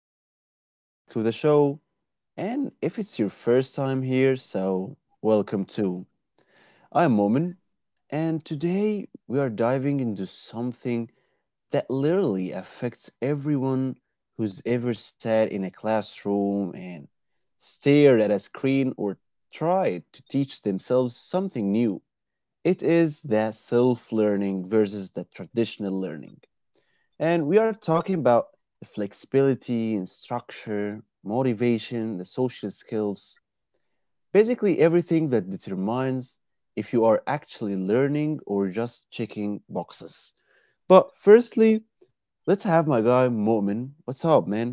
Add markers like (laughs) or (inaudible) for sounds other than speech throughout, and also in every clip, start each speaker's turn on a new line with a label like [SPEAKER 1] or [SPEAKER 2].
[SPEAKER 1] And welcome back to the show. And if it's your first time here, welcome too. I'm Momin, and today we are diving into something that literally affects everyone who's ever sat in a classroom and stared at a screen or tried to teach themselves something new. It is the self learning versus the traditional learning. And we are talking about flexibility and structure, motivation, the social skills, basically everything that determines if you are actually learning or just checking boxes. But firstly, let's have my guy Mo'min. What's up, man?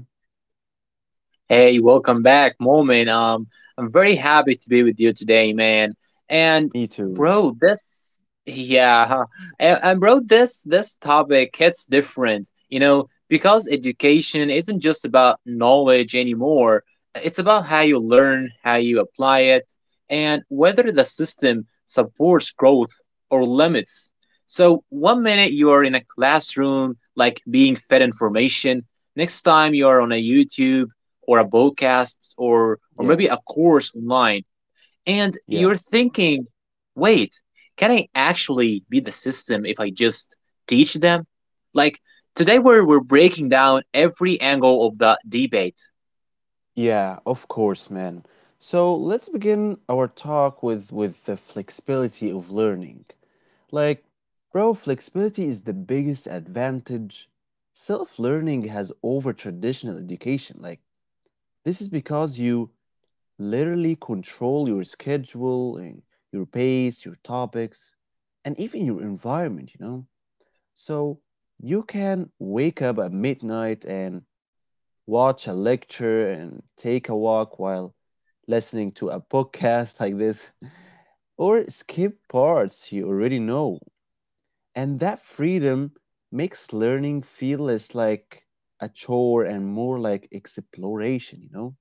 [SPEAKER 2] Hey, welcome back, Moment. I'm very happy to be with you today, man. And
[SPEAKER 1] Me too.
[SPEAKER 2] bro, this yeah, (laughs) and bro, this topic hits different, you know, because education isn't just about knowledge anymore. It's about how you learn, how you apply it, and whether the system supports growth or limits. So one minute you are in a classroom, like being fed information. Next time you are on a YouTube or a podcast or
[SPEAKER 1] Yeah,
[SPEAKER 2] maybe a course online, and
[SPEAKER 1] yeah.
[SPEAKER 2] you're thinking, wait, can I actually be the system if I just teach them, like today we're breaking down every angle of the debate.
[SPEAKER 1] Yeah, of course, man. So let's begin our talk with the flexibility of learning. Like, bro, flexibility is the biggest advantage self-learning has over traditional education. Like, this is because you literally control your schedule and your pace, your topics, and even your environment, you know? So you can wake up at midnight and watch a lecture and take a walk while listening to a podcast (laughs) like this, or skip parts you already know. And that freedom makes learning feel less like a chore and more like exploration.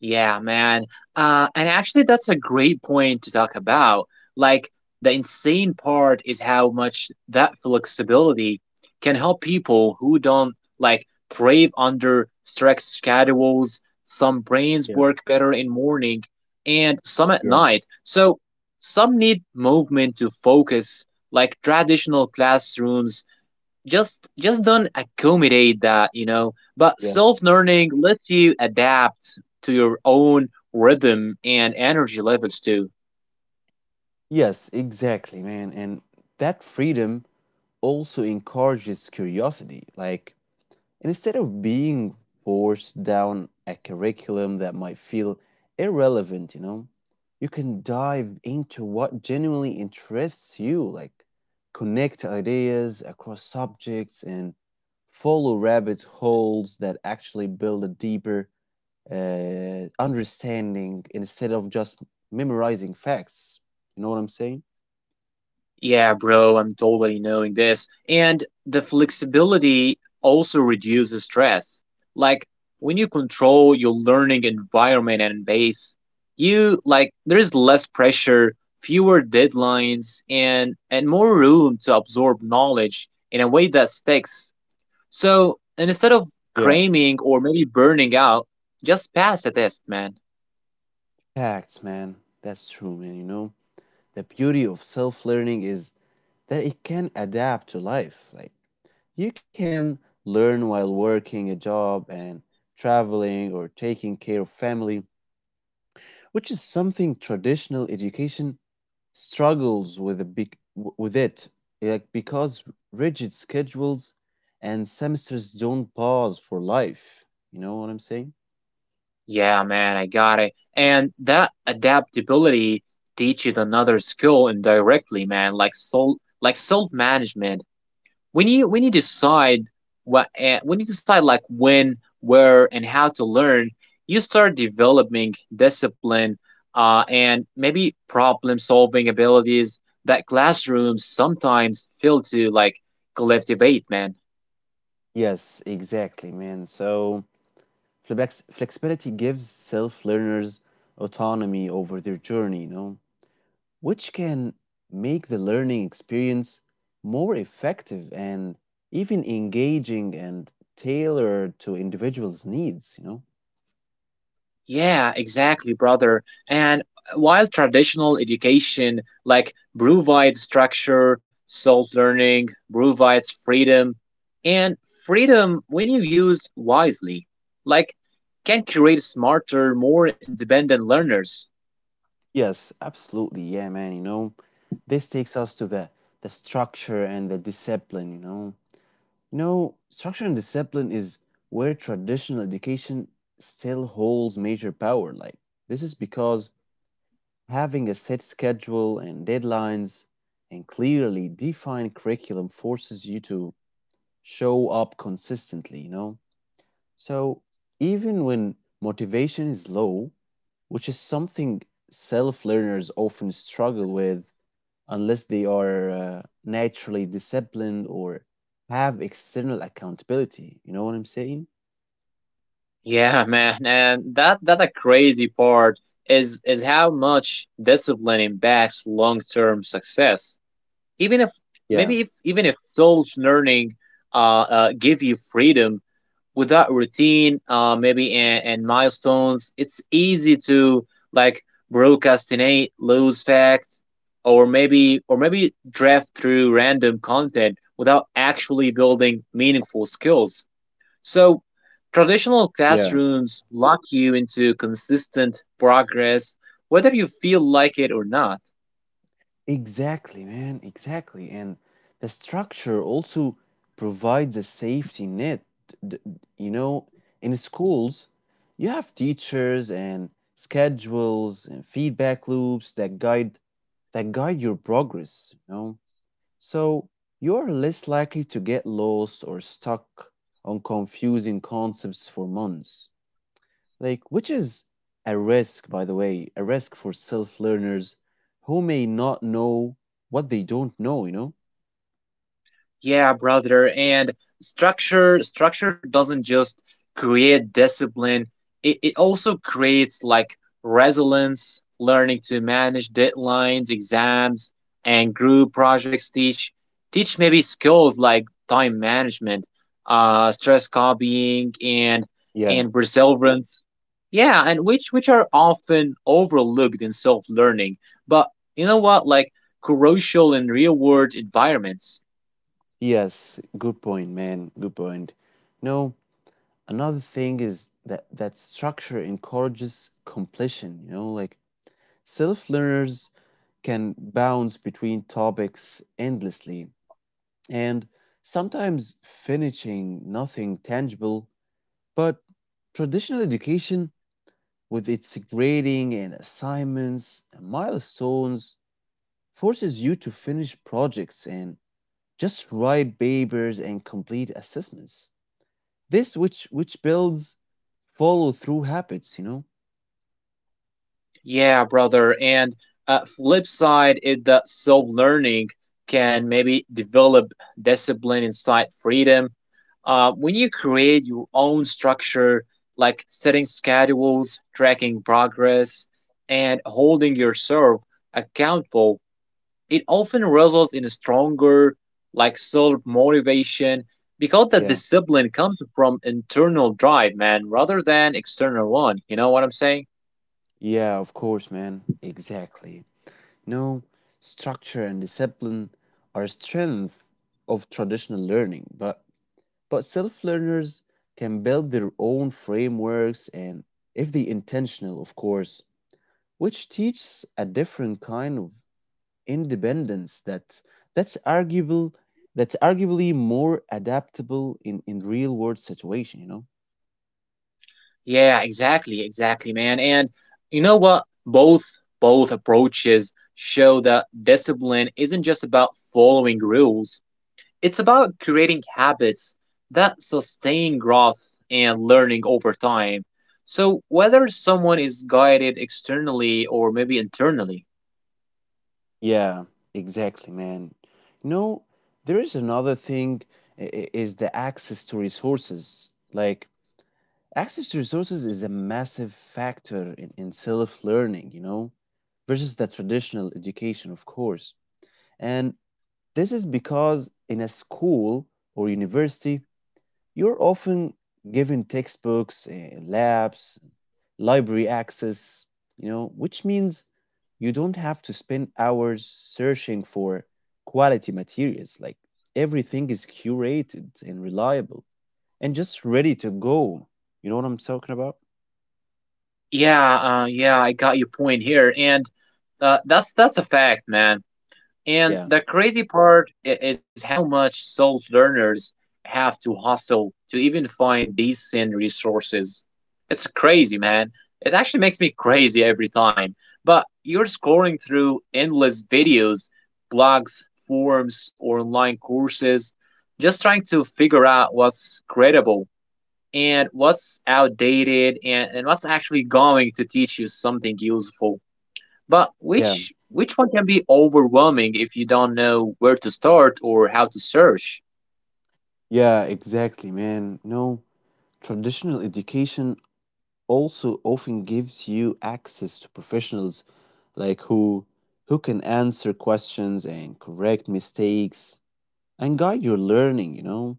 [SPEAKER 2] Yeah, man. And actually, that's a great point to talk about. Like, the insane part is how much that flexibility can help people who don't like thrive under strict schedules. Some brains
[SPEAKER 1] Yeah,
[SPEAKER 2] work better in morning and some at
[SPEAKER 1] yeah.
[SPEAKER 2] night. So some need movement to focus, like traditional classrooms just don't accommodate that, you know, but
[SPEAKER 1] Yes.
[SPEAKER 2] self-learning lets you adapt to your own rhythm and energy levels too.
[SPEAKER 1] Yes, exactly, man. And that freedom also encourages curiosity. Like, And Instead of being forced down a curriculum that might feel irrelevant, you can dive into what genuinely interests you, like connect ideas across subjects and follow rabbit holes that actually build a deeper understanding instead of just memorizing facts. You know what I'm saying?
[SPEAKER 2] Yeah, bro, I'm totally knowing this, and the flexibility also reduces stress. Like, when you control your learning environment and base, you like there is less pressure, fewer deadlines, and more room to absorb knowledge in a way that sticks. So and instead of
[SPEAKER 1] Yeah.
[SPEAKER 2] cramming or maybe burning out, just pass the test, man.
[SPEAKER 1] Facts, man. That's true, man. You know, the beauty of self learning is that it can adapt to life. Like, you can learn while working a job and traveling or taking care of family, which is something traditional education struggles with a big with it, like because rigid schedules and semesters don't pause for life you know what I'm saying
[SPEAKER 2] Yeah, man, I got it. And that adaptability teaches another skill indirectly, man, like soul, like self management. When you decide what when you decide like when, where, and how to learn, you start developing discipline, and maybe problem solving abilities that classrooms sometimes fail to like cultivate, man.
[SPEAKER 1] Yes, exactly, man. So flexibility gives self learners autonomy over their journey, which can make the learning experience more effective and even engaging and tailored to individuals needs.
[SPEAKER 2] Yeah, exactly, brother. And while traditional education like provides structure, self-learning provides freedom, and freedom when you used wisely, like can create smarter, more independent learners.
[SPEAKER 1] Yes, absolutely. Yeah, man, you know, this takes us to the structure and the discipline, you know. You know, structure and discipline is where traditional education still holds major power. Like, this is because having a set schedule and deadlines and clearly defined curriculum forces you to show up consistently, you know. So, even when motivation is low, which is something self learners often struggle with, unless they are naturally disciplined or have external accountability. You know what I'm saying?
[SPEAKER 2] Yeah, (laughs) man, and that a crazy part is how much discipline impacts long-term success. Even if
[SPEAKER 1] Yeah,
[SPEAKER 2] maybe if even if self-learning give you freedom without routine, maybe and milestones, it's easy to like procrastinate, lose fact, or maybe draft through random content without actually building meaningful skills. So traditional
[SPEAKER 1] yeah.
[SPEAKER 2] classrooms lock you into consistent progress, whether you feel like it or not.
[SPEAKER 1] Exactly, man. Exactly. And the structure also provides a safety net. D- d- You know, in schools, you have teachers and schedules and feedback loops that guide your progress, you know? So you are less likely to get lost or stuck on confusing concepts for months. Like, which is a risk, by the way, a risk for self learners who may not know what they don't know, you know?
[SPEAKER 2] Yeah, brother. And structure doesn't just create discipline. It also creates like resilience, learning to manage deadlines, exams, and group projects teach maybe skills like time management, stress copying
[SPEAKER 1] Yeah.
[SPEAKER 2] and perseverance. Yeah, and which are often overlooked in self-learning. But you know what? Like crucial in real-world environments.
[SPEAKER 1] Yes, good point, man. Good point. No, another thing is that structure encourages completion, you know, like self learners can bounce between topics endlessly and sometimes finishing nothing tangible, but traditional education, with its grading and assignments and milestones, forces you to finish projects and just write papers and complete assessments. This which builds follow through habits, you know?
[SPEAKER 2] Yeah, brother. And flip side is that self learning can maybe develop discipline inside freedom. When you create your own structure, like setting schedules, tracking progress, and holding yourself accountable, it often results in a stronger like self motivation, because the
[SPEAKER 1] Yeah.
[SPEAKER 2] discipline comes from internal drive, man, rather than external one, you know what I'm saying?
[SPEAKER 1] Yeah, of course, man. Exactly. No, structure and discipline are strength of traditional learning, but self learners can build their own frameworks and if they intentional, of course, which teaches a different kind of independence that that's arguable that's arguably more adaptable in real world situation, you know?
[SPEAKER 2] Yeah, exactly, exactly, man. And you know what? Both approaches show that discipline isn't just about following rules. It's about creating habits that sustain growth and learning over time. So whether someone is guided externally or maybe internally.
[SPEAKER 1] Yeah, exactly, man. You know, there is another thing is the access to resources. Like access to resources is a massive factor in self-learning, you know, versus the traditional education, of course. And this is because in a school or university you're often given textbooks, labs, library access, you know, which means you don't have to spend hours searching for quality materials, like everything is curated and reliable and just ready to go. You know what I'm talking about?
[SPEAKER 2] Yeah, yeah, I got your point here, and that's a fact, man. And
[SPEAKER 1] Yeah,
[SPEAKER 2] the crazy part is how much self learners have to hustle to even find decent resources. It's crazy, man. It actually makes me crazy every time. But you're scrolling through endless videos, blogs, forums, or online courses, just trying to figure out what's credible and what's outdated, and what's actually going to teach you something useful. But
[SPEAKER 1] yeah,
[SPEAKER 2] which one can be overwhelming if you don't know where to start or how to search.
[SPEAKER 1] yeah, exactly, man. No, traditional education also often gives you access to professionals like who can answer questions and correct mistakes and guide your learning, you know?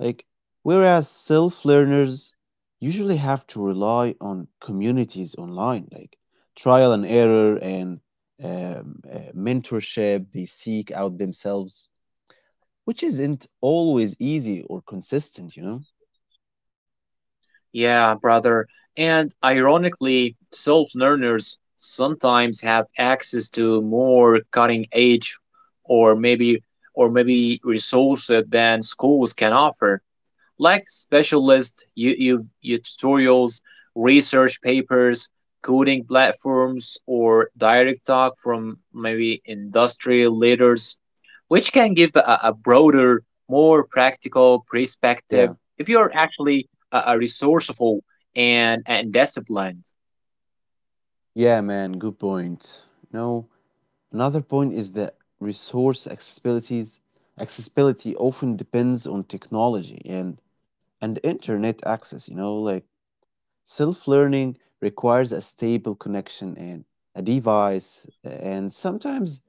[SPEAKER 1] Like whereas self-learners usually have to rely on communities online, like trial and error and mentorship they seek out themselves, which isn't always easy or consistent, you know?
[SPEAKER 2] Yeah, brother. And ironically, self learners sometimes have access to more cutting edge or maybe or maybe resources than schools can offer. Like specialist you you tutorials, research papers, coding platforms, or direct talk from maybe industrial leaders, which can give a broader, more practical perspective
[SPEAKER 1] Yeah,
[SPEAKER 2] if you're actually a resourceful and disciplined.
[SPEAKER 1] yeah, man, good point. No, another point is that resource accessibilities accessibility often depends on technology and internet access, you know, like self-learning requires a stable connection and a device and sometimes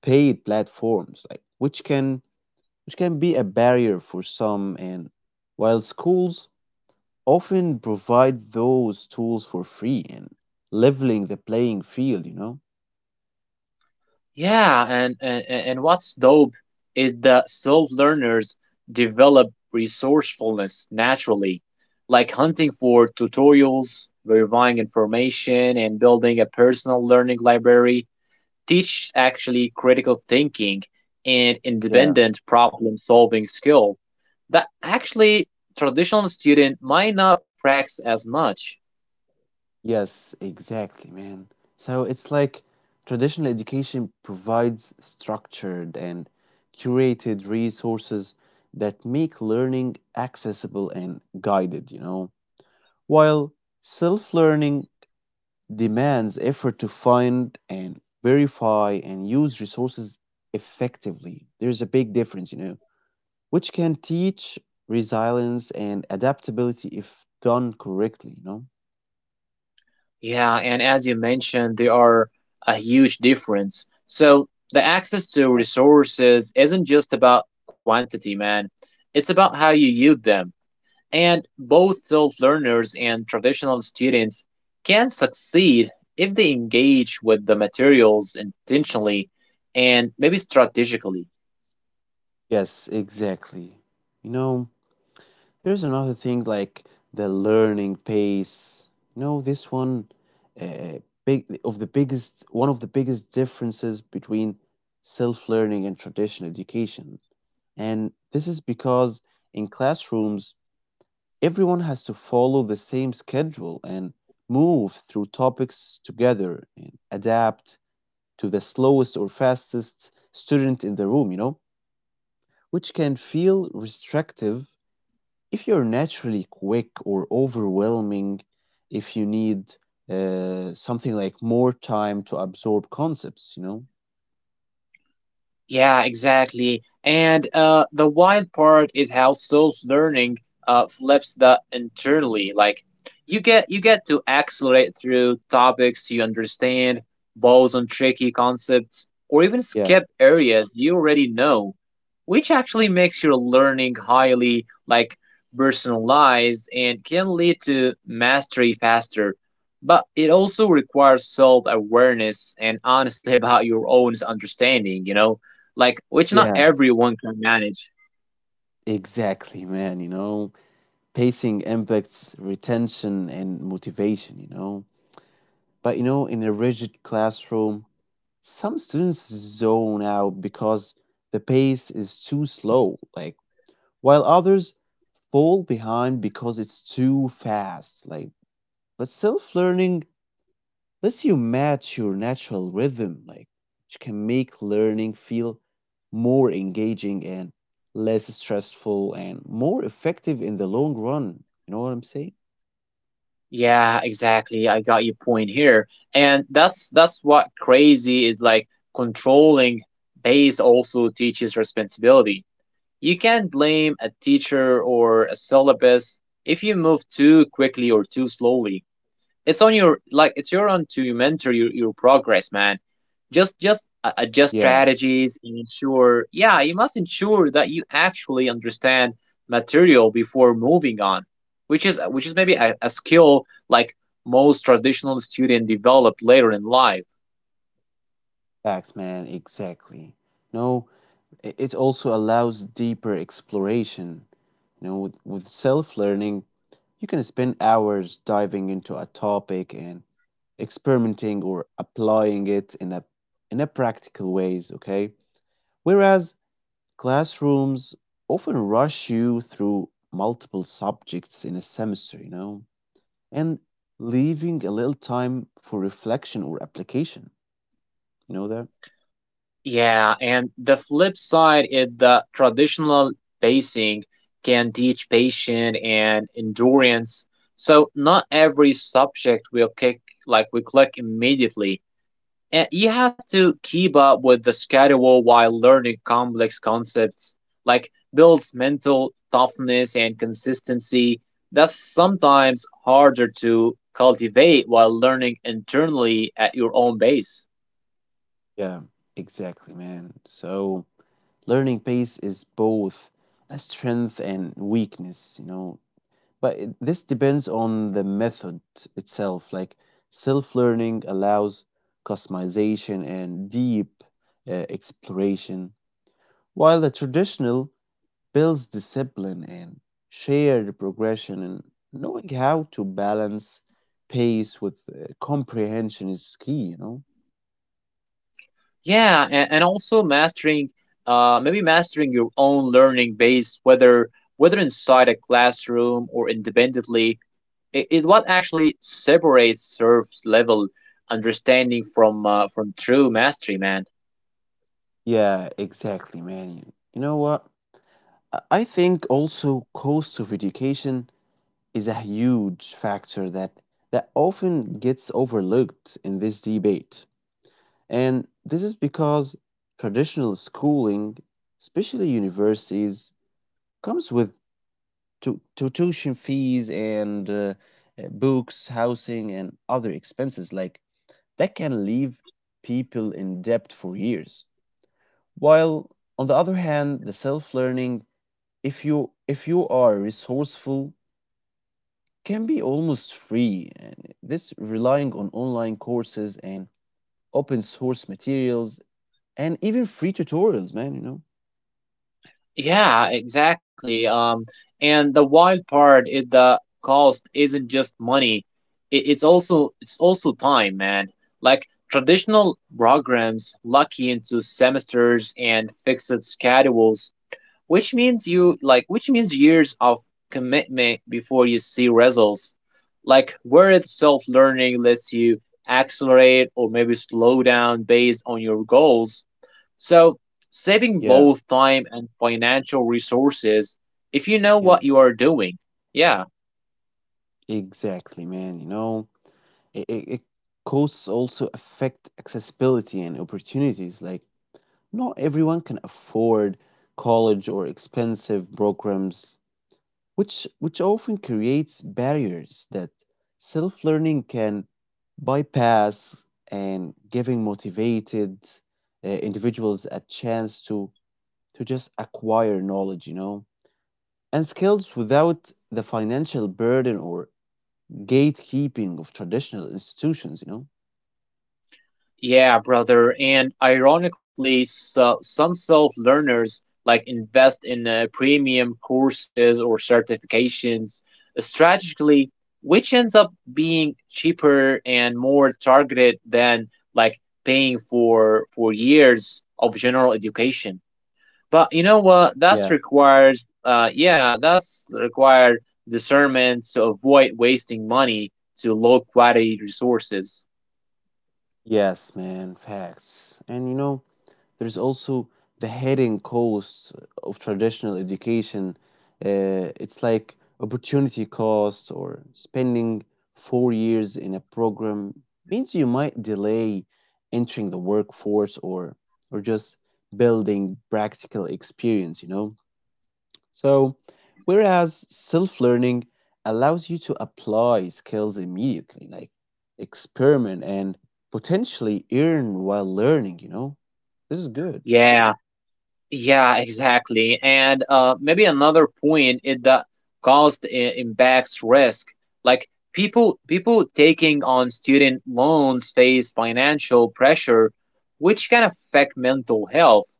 [SPEAKER 1] paid platforms, like which can be a barrier for some, and while schools often provide those tools for free and leveling the playing field, you know?
[SPEAKER 2] Yeah, and what's dope is that self learners develop resourcefulness naturally, like hunting for tutorials, verifying information, and building a personal learning library teaches actually critical thinking and
[SPEAKER 1] Yeah.
[SPEAKER 2] independent problem solving skill that actually traditional student might not practice as much.
[SPEAKER 1] Yes, exactly, man. So it's like traditional education provides structured and curated resources that make learning accessible and guided, you know, while self learning demands effort to find and verify and use resources effectively. There's a big difference, you know, which can teach resilience and adaptability if done correctly, you know?
[SPEAKER 2] Yeah, and as you mentioned, there are a huge difference. So the access to resources isn't just about quantity, man. It's about how you use them. And both self learners and traditional students can succeed if they engage with the materials intentionally and maybe strategically.
[SPEAKER 1] Yes, exactly. You know, there's another thing like the learning pace. You know, this one uh, big of the biggest one of the biggest differences between self-learning and traditional education. And this is because in classrooms, everyone has to follow the same schedule and move through topics together and adapt to the slowest or fastest student in the room, you know, which can feel restrictive if you're naturally quick or overwhelming, if you need something like more time to absorb concepts, you know?
[SPEAKER 2] Yeah, exactly. And the wild part is how self-learning flips that internally. Like you get to accelerate through topics you understand, pause on tricky concepts, or even
[SPEAKER 1] Yeah.
[SPEAKER 2] skip areas you already know, which actually makes your learning highly like personalized and can lead to mastery faster. But it also requires self-awareness and honestly (laughs) about your own understanding, you know, like which not
[SPEAKER 1] Yeah,
[SPEAKER 2] everyone can manage.
[SPEAKER 1] exactly, man. You know, pacing impacts retention and motivation, you know. But, you know, in a rigid classroom, some students zone out because the pace is too slow, like, while others fall behind because it's too fast. Like, but self learning lets you match your natural rhythm, like, which can make learning feel more engaging and less stressful and more effective in the long run. You know what I'm saying?
[SPEAKER 2] Yeah, exactly. I got your point here. And that's what crazy is like controlling base also teaches responsibility. You can't blame a teacher or a syllabus if you move too quickly or too slowly. It's on your like it's your on to mentor your progress, man, just adjust
[SPEAKER 1] Yeah,
[SPEAKER 2] strategies and ensure yeah you must ensure that you actually understand material before moving on, which is maybe a skill like most traditional student develop later in life.
[SPEAKER 1] facts, man, exactly. No, it also allows deeper exploration. You know, with self learning, you can spend hours diving into a topic and experimenting or applying it in a practical ways, okay, whereas classrooms often rush you through multiple subjects in a semester, you know, and leaving a little time for reflection or application, you know that.
[SPEAKER 2] Yeah, and the flip side is the traditional pacing can teach patience and endurance. So not every subject will kick like we click immediately. And you have to keep up with the schedule while learning complex concepts, like builds mental toughness and consistency. That's sometimes harder to cultivate while learning internally at your own pace.
[SPEAKER 1] Yeah, exactly, man. So learning pace is both a strength and weakness, you know. But it, this depends on the method itself. Like self learning allows customization and deep exploration, while the traditional builds discipline and shared progression. And knowing how to balance pace with comprehension is key, you know?
[SPEAKER 2] Yeah, and also mastering, maybe mastering your own learning base, whether inside a classroom or independently, is what actually separates surface level understanding from true mastery, man.
[SPEAKER 1] Yeah, exactly, man. You know what? I think also cost of education is a huge factor that often gets overlooked in this debate. And this is because traditional schooling, especially universities, comes with tuition fees and books, housing, and other expenses like that can leave people in debt for years. While on the other hand, the self-learning, if you are resourceful, can be almost free. And this relying on online courses and open source materials and even free tutorials, man, you know?
[SPEAKER 2] Yeah, exactly. And the wild part is the cost isn't just money; it's also time, man. Like traditional programs lock you into semesters and fixed schedules, which means you like which means years of commitment before you see results, like whereas self-learning lets you accelerate or maybe slow down based on your goals, so saving
[SPEAKER 1] Yeah,
[SPEAKER 2] both time and financial resources if you know
[SPEAKER 1] yeah,
[SPEAKER 2] what you are doing, yeah.
[SPEAKER 1] exactly, man. You know, it costs also affect accessibility and opportunities. Like, not everyone can afford college or expensive programs, which often creates barriers that self-learning can bypass and giving motivated individuals a chance to just acquire knowledge, you know, and skills without the financial burden or gatekeeping of traditional institutions, you know.
[SPEAKER 2] Yeah, brother. And ironically, so, some self learners like invest in premium courses or certifications strategically, which ends up being cheaper and more targeted than like paying for years of general education. But you know what? That's
[SPEAKER 1] Yeah,
[SPEAKER 2] requires yeah, that's required discernment to avoid wasting money to low quality resources.
[SPEAKER 1] yes, man, facts. And you know, there's also the hidden costs of traditional education. It's like opportunity costs or spending 4 years in a program means you might delay entering the workforce or just building practical experience, you know? So, whereas self-learning allows you to apply skills immediately, like experiment and potentially earn while learning, you know? This is good.
[SPEAKER 2] Yeah. Yeah, exactly. And maybe another point is that cost impacts risk. Like people taking on student loans face financial pressure, which can affect mental health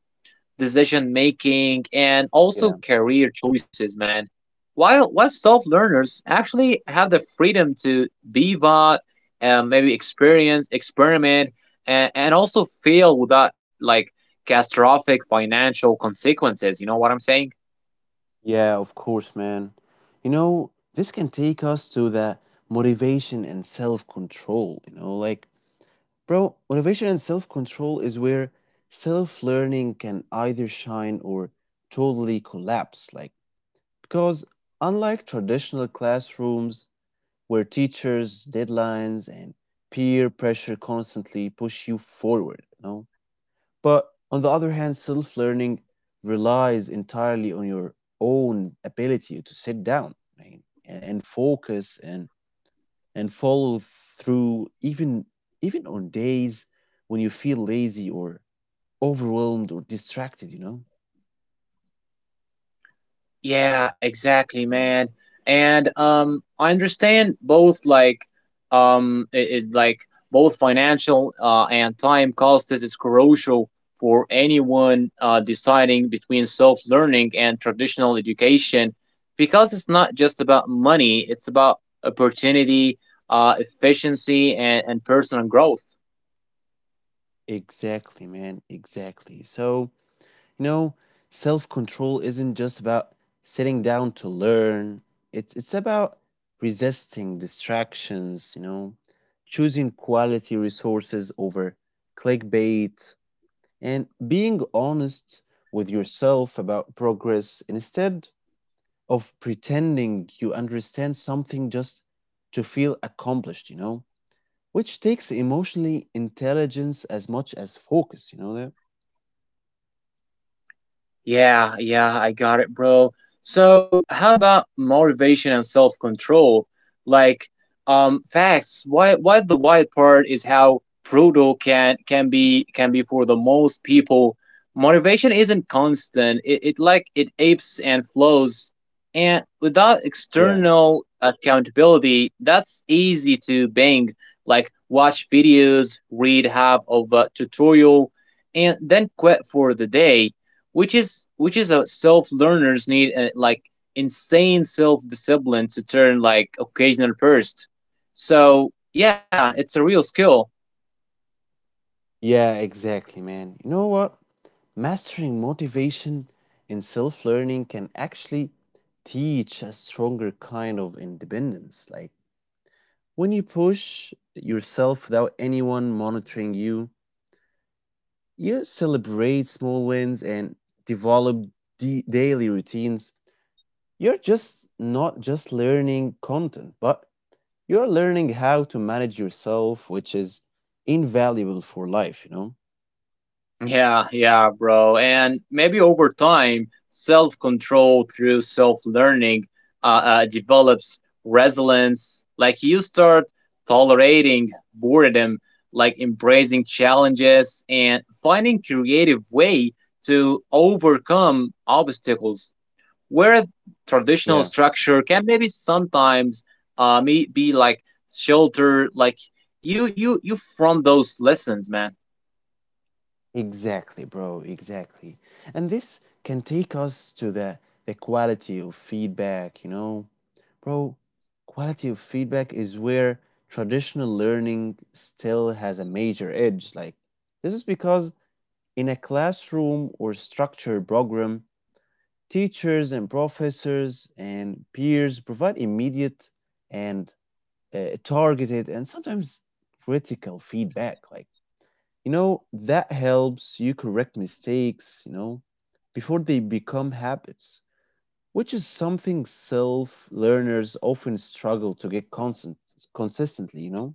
[SPEAKER 2] decision making, and also
[SPEAKER 1] Yeah,
[SPEAKER 2] career choices, man. While self learners actually have the freedom to pivot, and maybe experience, experiment, and also fail without like catastrophic financial consequences. You know what I'm saying?
[SPEAKER 1] yeah, of course, man. You know, this can take us to the motivation and self control. You know, like, bro, motivation and self control is where self learning can either shine or totally collapse. Like, because unlike traditional classrooms where teachers, deadlines, and peer pressure constantly push you forward, you know. But on the other hand, self learning relies entirely on your own ability to sit down and focus and follow through, even on days when you feel lazy or overwhelmed or distracted, you know.
[SPEAKER 2] Yeah, exactly, man. And I understand both like it is like both financial and time cost is crucial for anyone deciding between self-learning and traditional education, because it's not just about money, it's about opportunity, efficiency and personal growth.
[SPEAKER 1] Exactly, man, exactly. So you know, self control isn't just about sitting down to learn. It's about resisting distractions, you know, choosing quality resources over clickbait and being honest with yourself about progress instead of pretending you understand something just to feel accomplished, you know? Which takes emotionally intelligence as much as focus. You know that?
[SPEAKER 2] Yeah, yeah, I got it, bro. So, how about motivation and self-control? Like, facts. Why the white part is how brutal can be for the most people. Motivation isn't constant. It like it apes and flows, and without
[SPEAKER 1] Yeah.
[SPEAKER 2] external accountability, that's easy to bang. Like, watch videos, read half of a tutorial, and then quit for the day, which is a self learners need like insane self discipline to turn like occasional burst. So yeah, it's a real skill.
[SPEAKER 1] Yeah, exactly, man. You know what? Mastering motivation in self learning can actually teach a stronger kind of independence. Like when you push yourself without anyone monitoring you, you celebrate small wins and develop daily routines. You're just not just learning content, but you're learning how to manage yourself, which is invaluable for life, you know?
[SPEAKER 2] Yeah, yeah, bro. And maybe over time, self control through self learning develops resilience. Like you start tolerating boredom, like embracing challenges and finding creative way to overcome obstacles, where traditional
[SPEAKER 1] Yeah,
[SPEAKER 2] structure can maybe sometimes may- be like shelter like you from those lessons, man.
[SPEAKER 1] exactly, bro, exactly. And this can take us to the quality of feedback, you know? Bro, quality of feedback is where traditional learning still has a major edge. Like, this is because in a classroom or structure program, teachers and professors and peers provide immediate and targeted and sometimes critical feedback. Like, you know, that helps you correct mistakes, you know, before they become habits, which is something self learners often struggle to get constant, consistently, you know?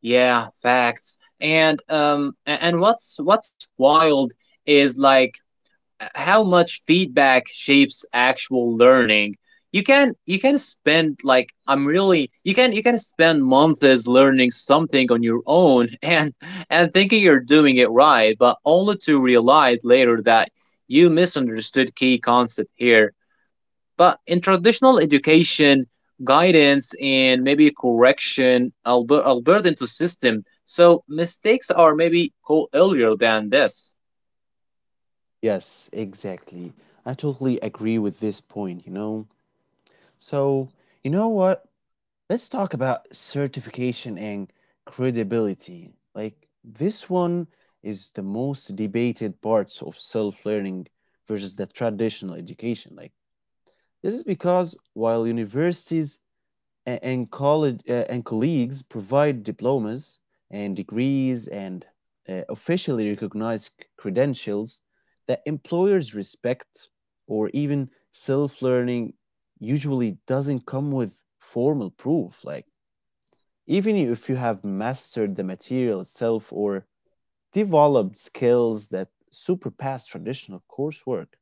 [SPEAKER 2] Yeah, facts, and and what's wild is like how much feedback shapes actual learning. You can spend like I'm really you can spend months learning something on your own (laughs) and thinking you're doing it right, but only to realize later that you misunderstood key concept here. But in traditional education, guidance and maybe correction are built into system, so mistakes are maybe caught earlier than this.
[SPEAKER 1] Yes, exactly. I totally agree with this point, you know. So, you know what? Let's talk about certification and credibility. Like, this one is the most debated parts of self learning versus the traditional education. Like, this is because while universities and college and colleagues provide diplomas and degrees and officially recognized credentials that employers respect or even self-learning usually doesn't come with formal proof. Like, even if you have mastered the material itself or developed skills that surpass traditional coursework,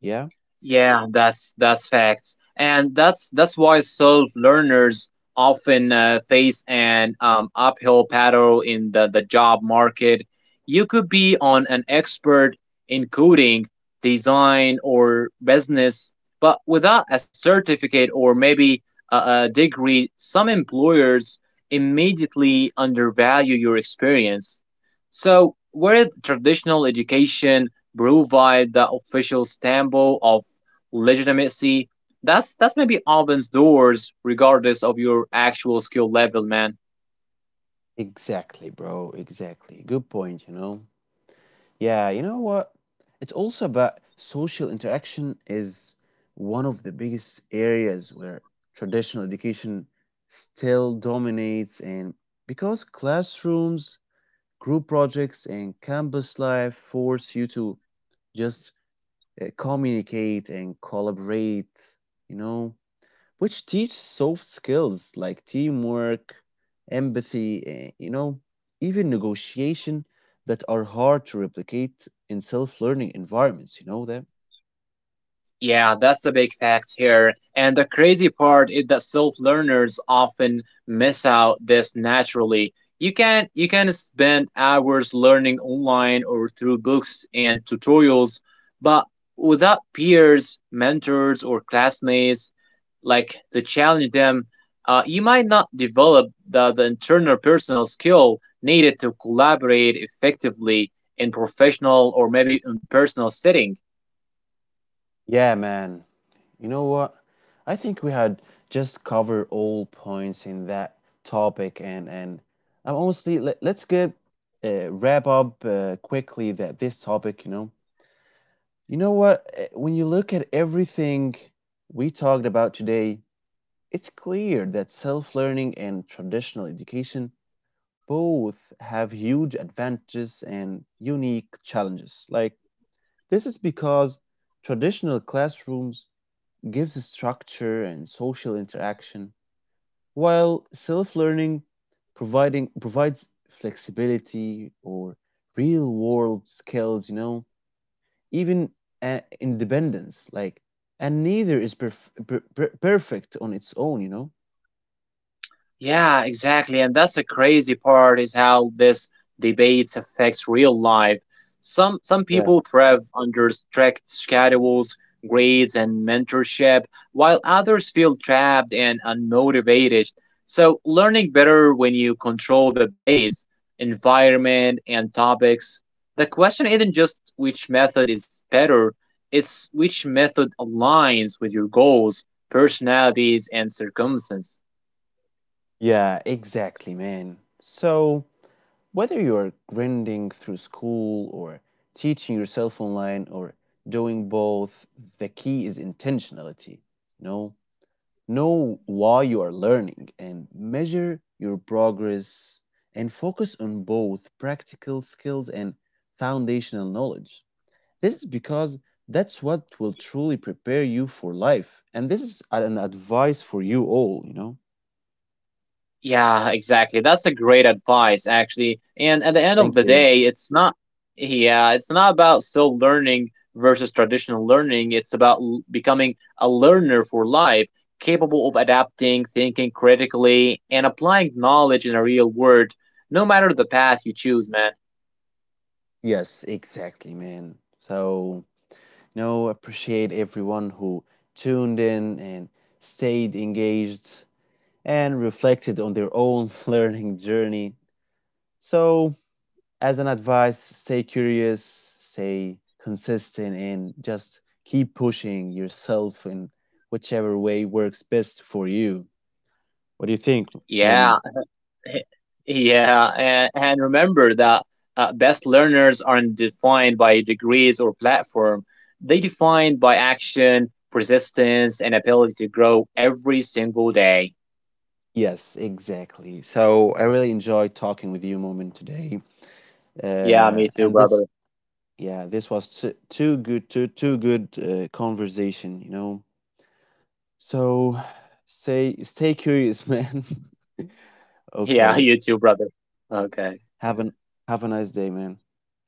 [SPEAKER 1] yeah,
[SPEAKER 2] Yeah, that's facts, and that's why self learners often face an uphill battle in the job market. You could be on an expert in coding, design, or business, but without a certificate or maybe a, a degree, some employers immediately undervalue your experience. So, where traditional education provide the official stamp of legitimacy, that's maybe opens doors regardless of your actual skill level, man.
[SPEAKER 1] exactly, bro, exactly, good point, you know. Yeah, you know what? It's also about social interaction is one of the biggest areas where traditional education still dominates and because classrooms, group projects and campus life force you to just communicate and collaborate, you know? Which teach soft skills like teamwork, empathy, eh, you know, even negotiation that are hard to replicate in self learning environments. You know that?
[SPEAKER 2] Yeah, that's a big fact here. And the crazy part is that self-learners often miss out this naturally. You can spend hours learning online or through books and tutorials, but without peers, mentors, or classmates, like to challenge them, you might not develop the internal personal skill needed to collaborate effectively in professional or maybe in personal settings.
[SPEAKER 1] Yeah, man. You know what? I think we had just covered all points in that topic, and I'm honestly let's get wrap up quickly that this topic. You know, you know what? When you look at everything we talked about today, it's clear that self learning and traditional education both have huge advantages and unique challenges. Like, this is because traditional classrooms gives structure and social interaction, while self learning providing provides flexibility or real world skills, you know, even independence. Like, and neither is perfect on its own, you know.
[SPEAKER 2] Yeah, exactly. And that's the crazy part is how this debates affects real life. Some
[SPEAKER 1] Yeah.
[SPEAKER 2] people thrive under strict schedules, grades, and mentorship, while others feel trapped and unmotivated. So learning better when you control the base, environment, and topics. The question isn't just which method is better, it's which method aligns with your goals, personalities, and circumstances.
[SPEAKER 1] Yeah, exactly, man. So whether you're grinding through school or teaching yourself online or doing both, the key is intentionality, you know. Know why you are learning and measure your progress and focus on both practical skills and foundational knowledge. This is because that's what will truly prepare you for life. And this is an advice for you all, you know?
[SPEAKER 2] Yeah, exactly. That's a great advice, actually. And at the end of
[SPEAKER 1] Thank
[SPEAKER 2] the
[SPEAKER 1] you.
[SPEAKER 2] day, it's not, yeah, it's not about still learning versus traditional learning. It's about becoming a learner for life, capable of adapting, thinking critically, and applying knowledge in a real world, no matter the path you choose, man.
[SPEAKER 1] Yes, exactly, man. So, no, appreciate everyone who tuned in and stayed engaged and reflected on their own (laughs) learning journey. So, as an advice, stay curious, stay consistent, and just keep pushing yourself in whichever way works best for you. What do you think, Moomin?
[SPEAKER 2] Yeah. Yeah, and remember that best learners aren't defined by degrees or platform. They defined by action, persistence, and ability to grow every single day.
[SPEAKER 1] Yes, exactly. So I really enjoyed talking with you, Moomin, today.
[SPEAKER 2] Yeah, me too,
[SPEAKER 1] And this,
[SPEAKER 2] brother.
[SPEAKER 1] yeah, this was too good, too good conversation, you know. So, (sighs) say, stay curious, (laughs) man.
[SPEAKER 2] Yeah, (laughs)
[SPEAKER 1] Okay,
[SPEAKER 2] you too, brother. Okay,
[SPEAKER 1] have an have a nice day, man.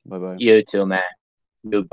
[SPEAKER 1] Bye bye.
[SPEAKER 2] you too, man. Goodbye.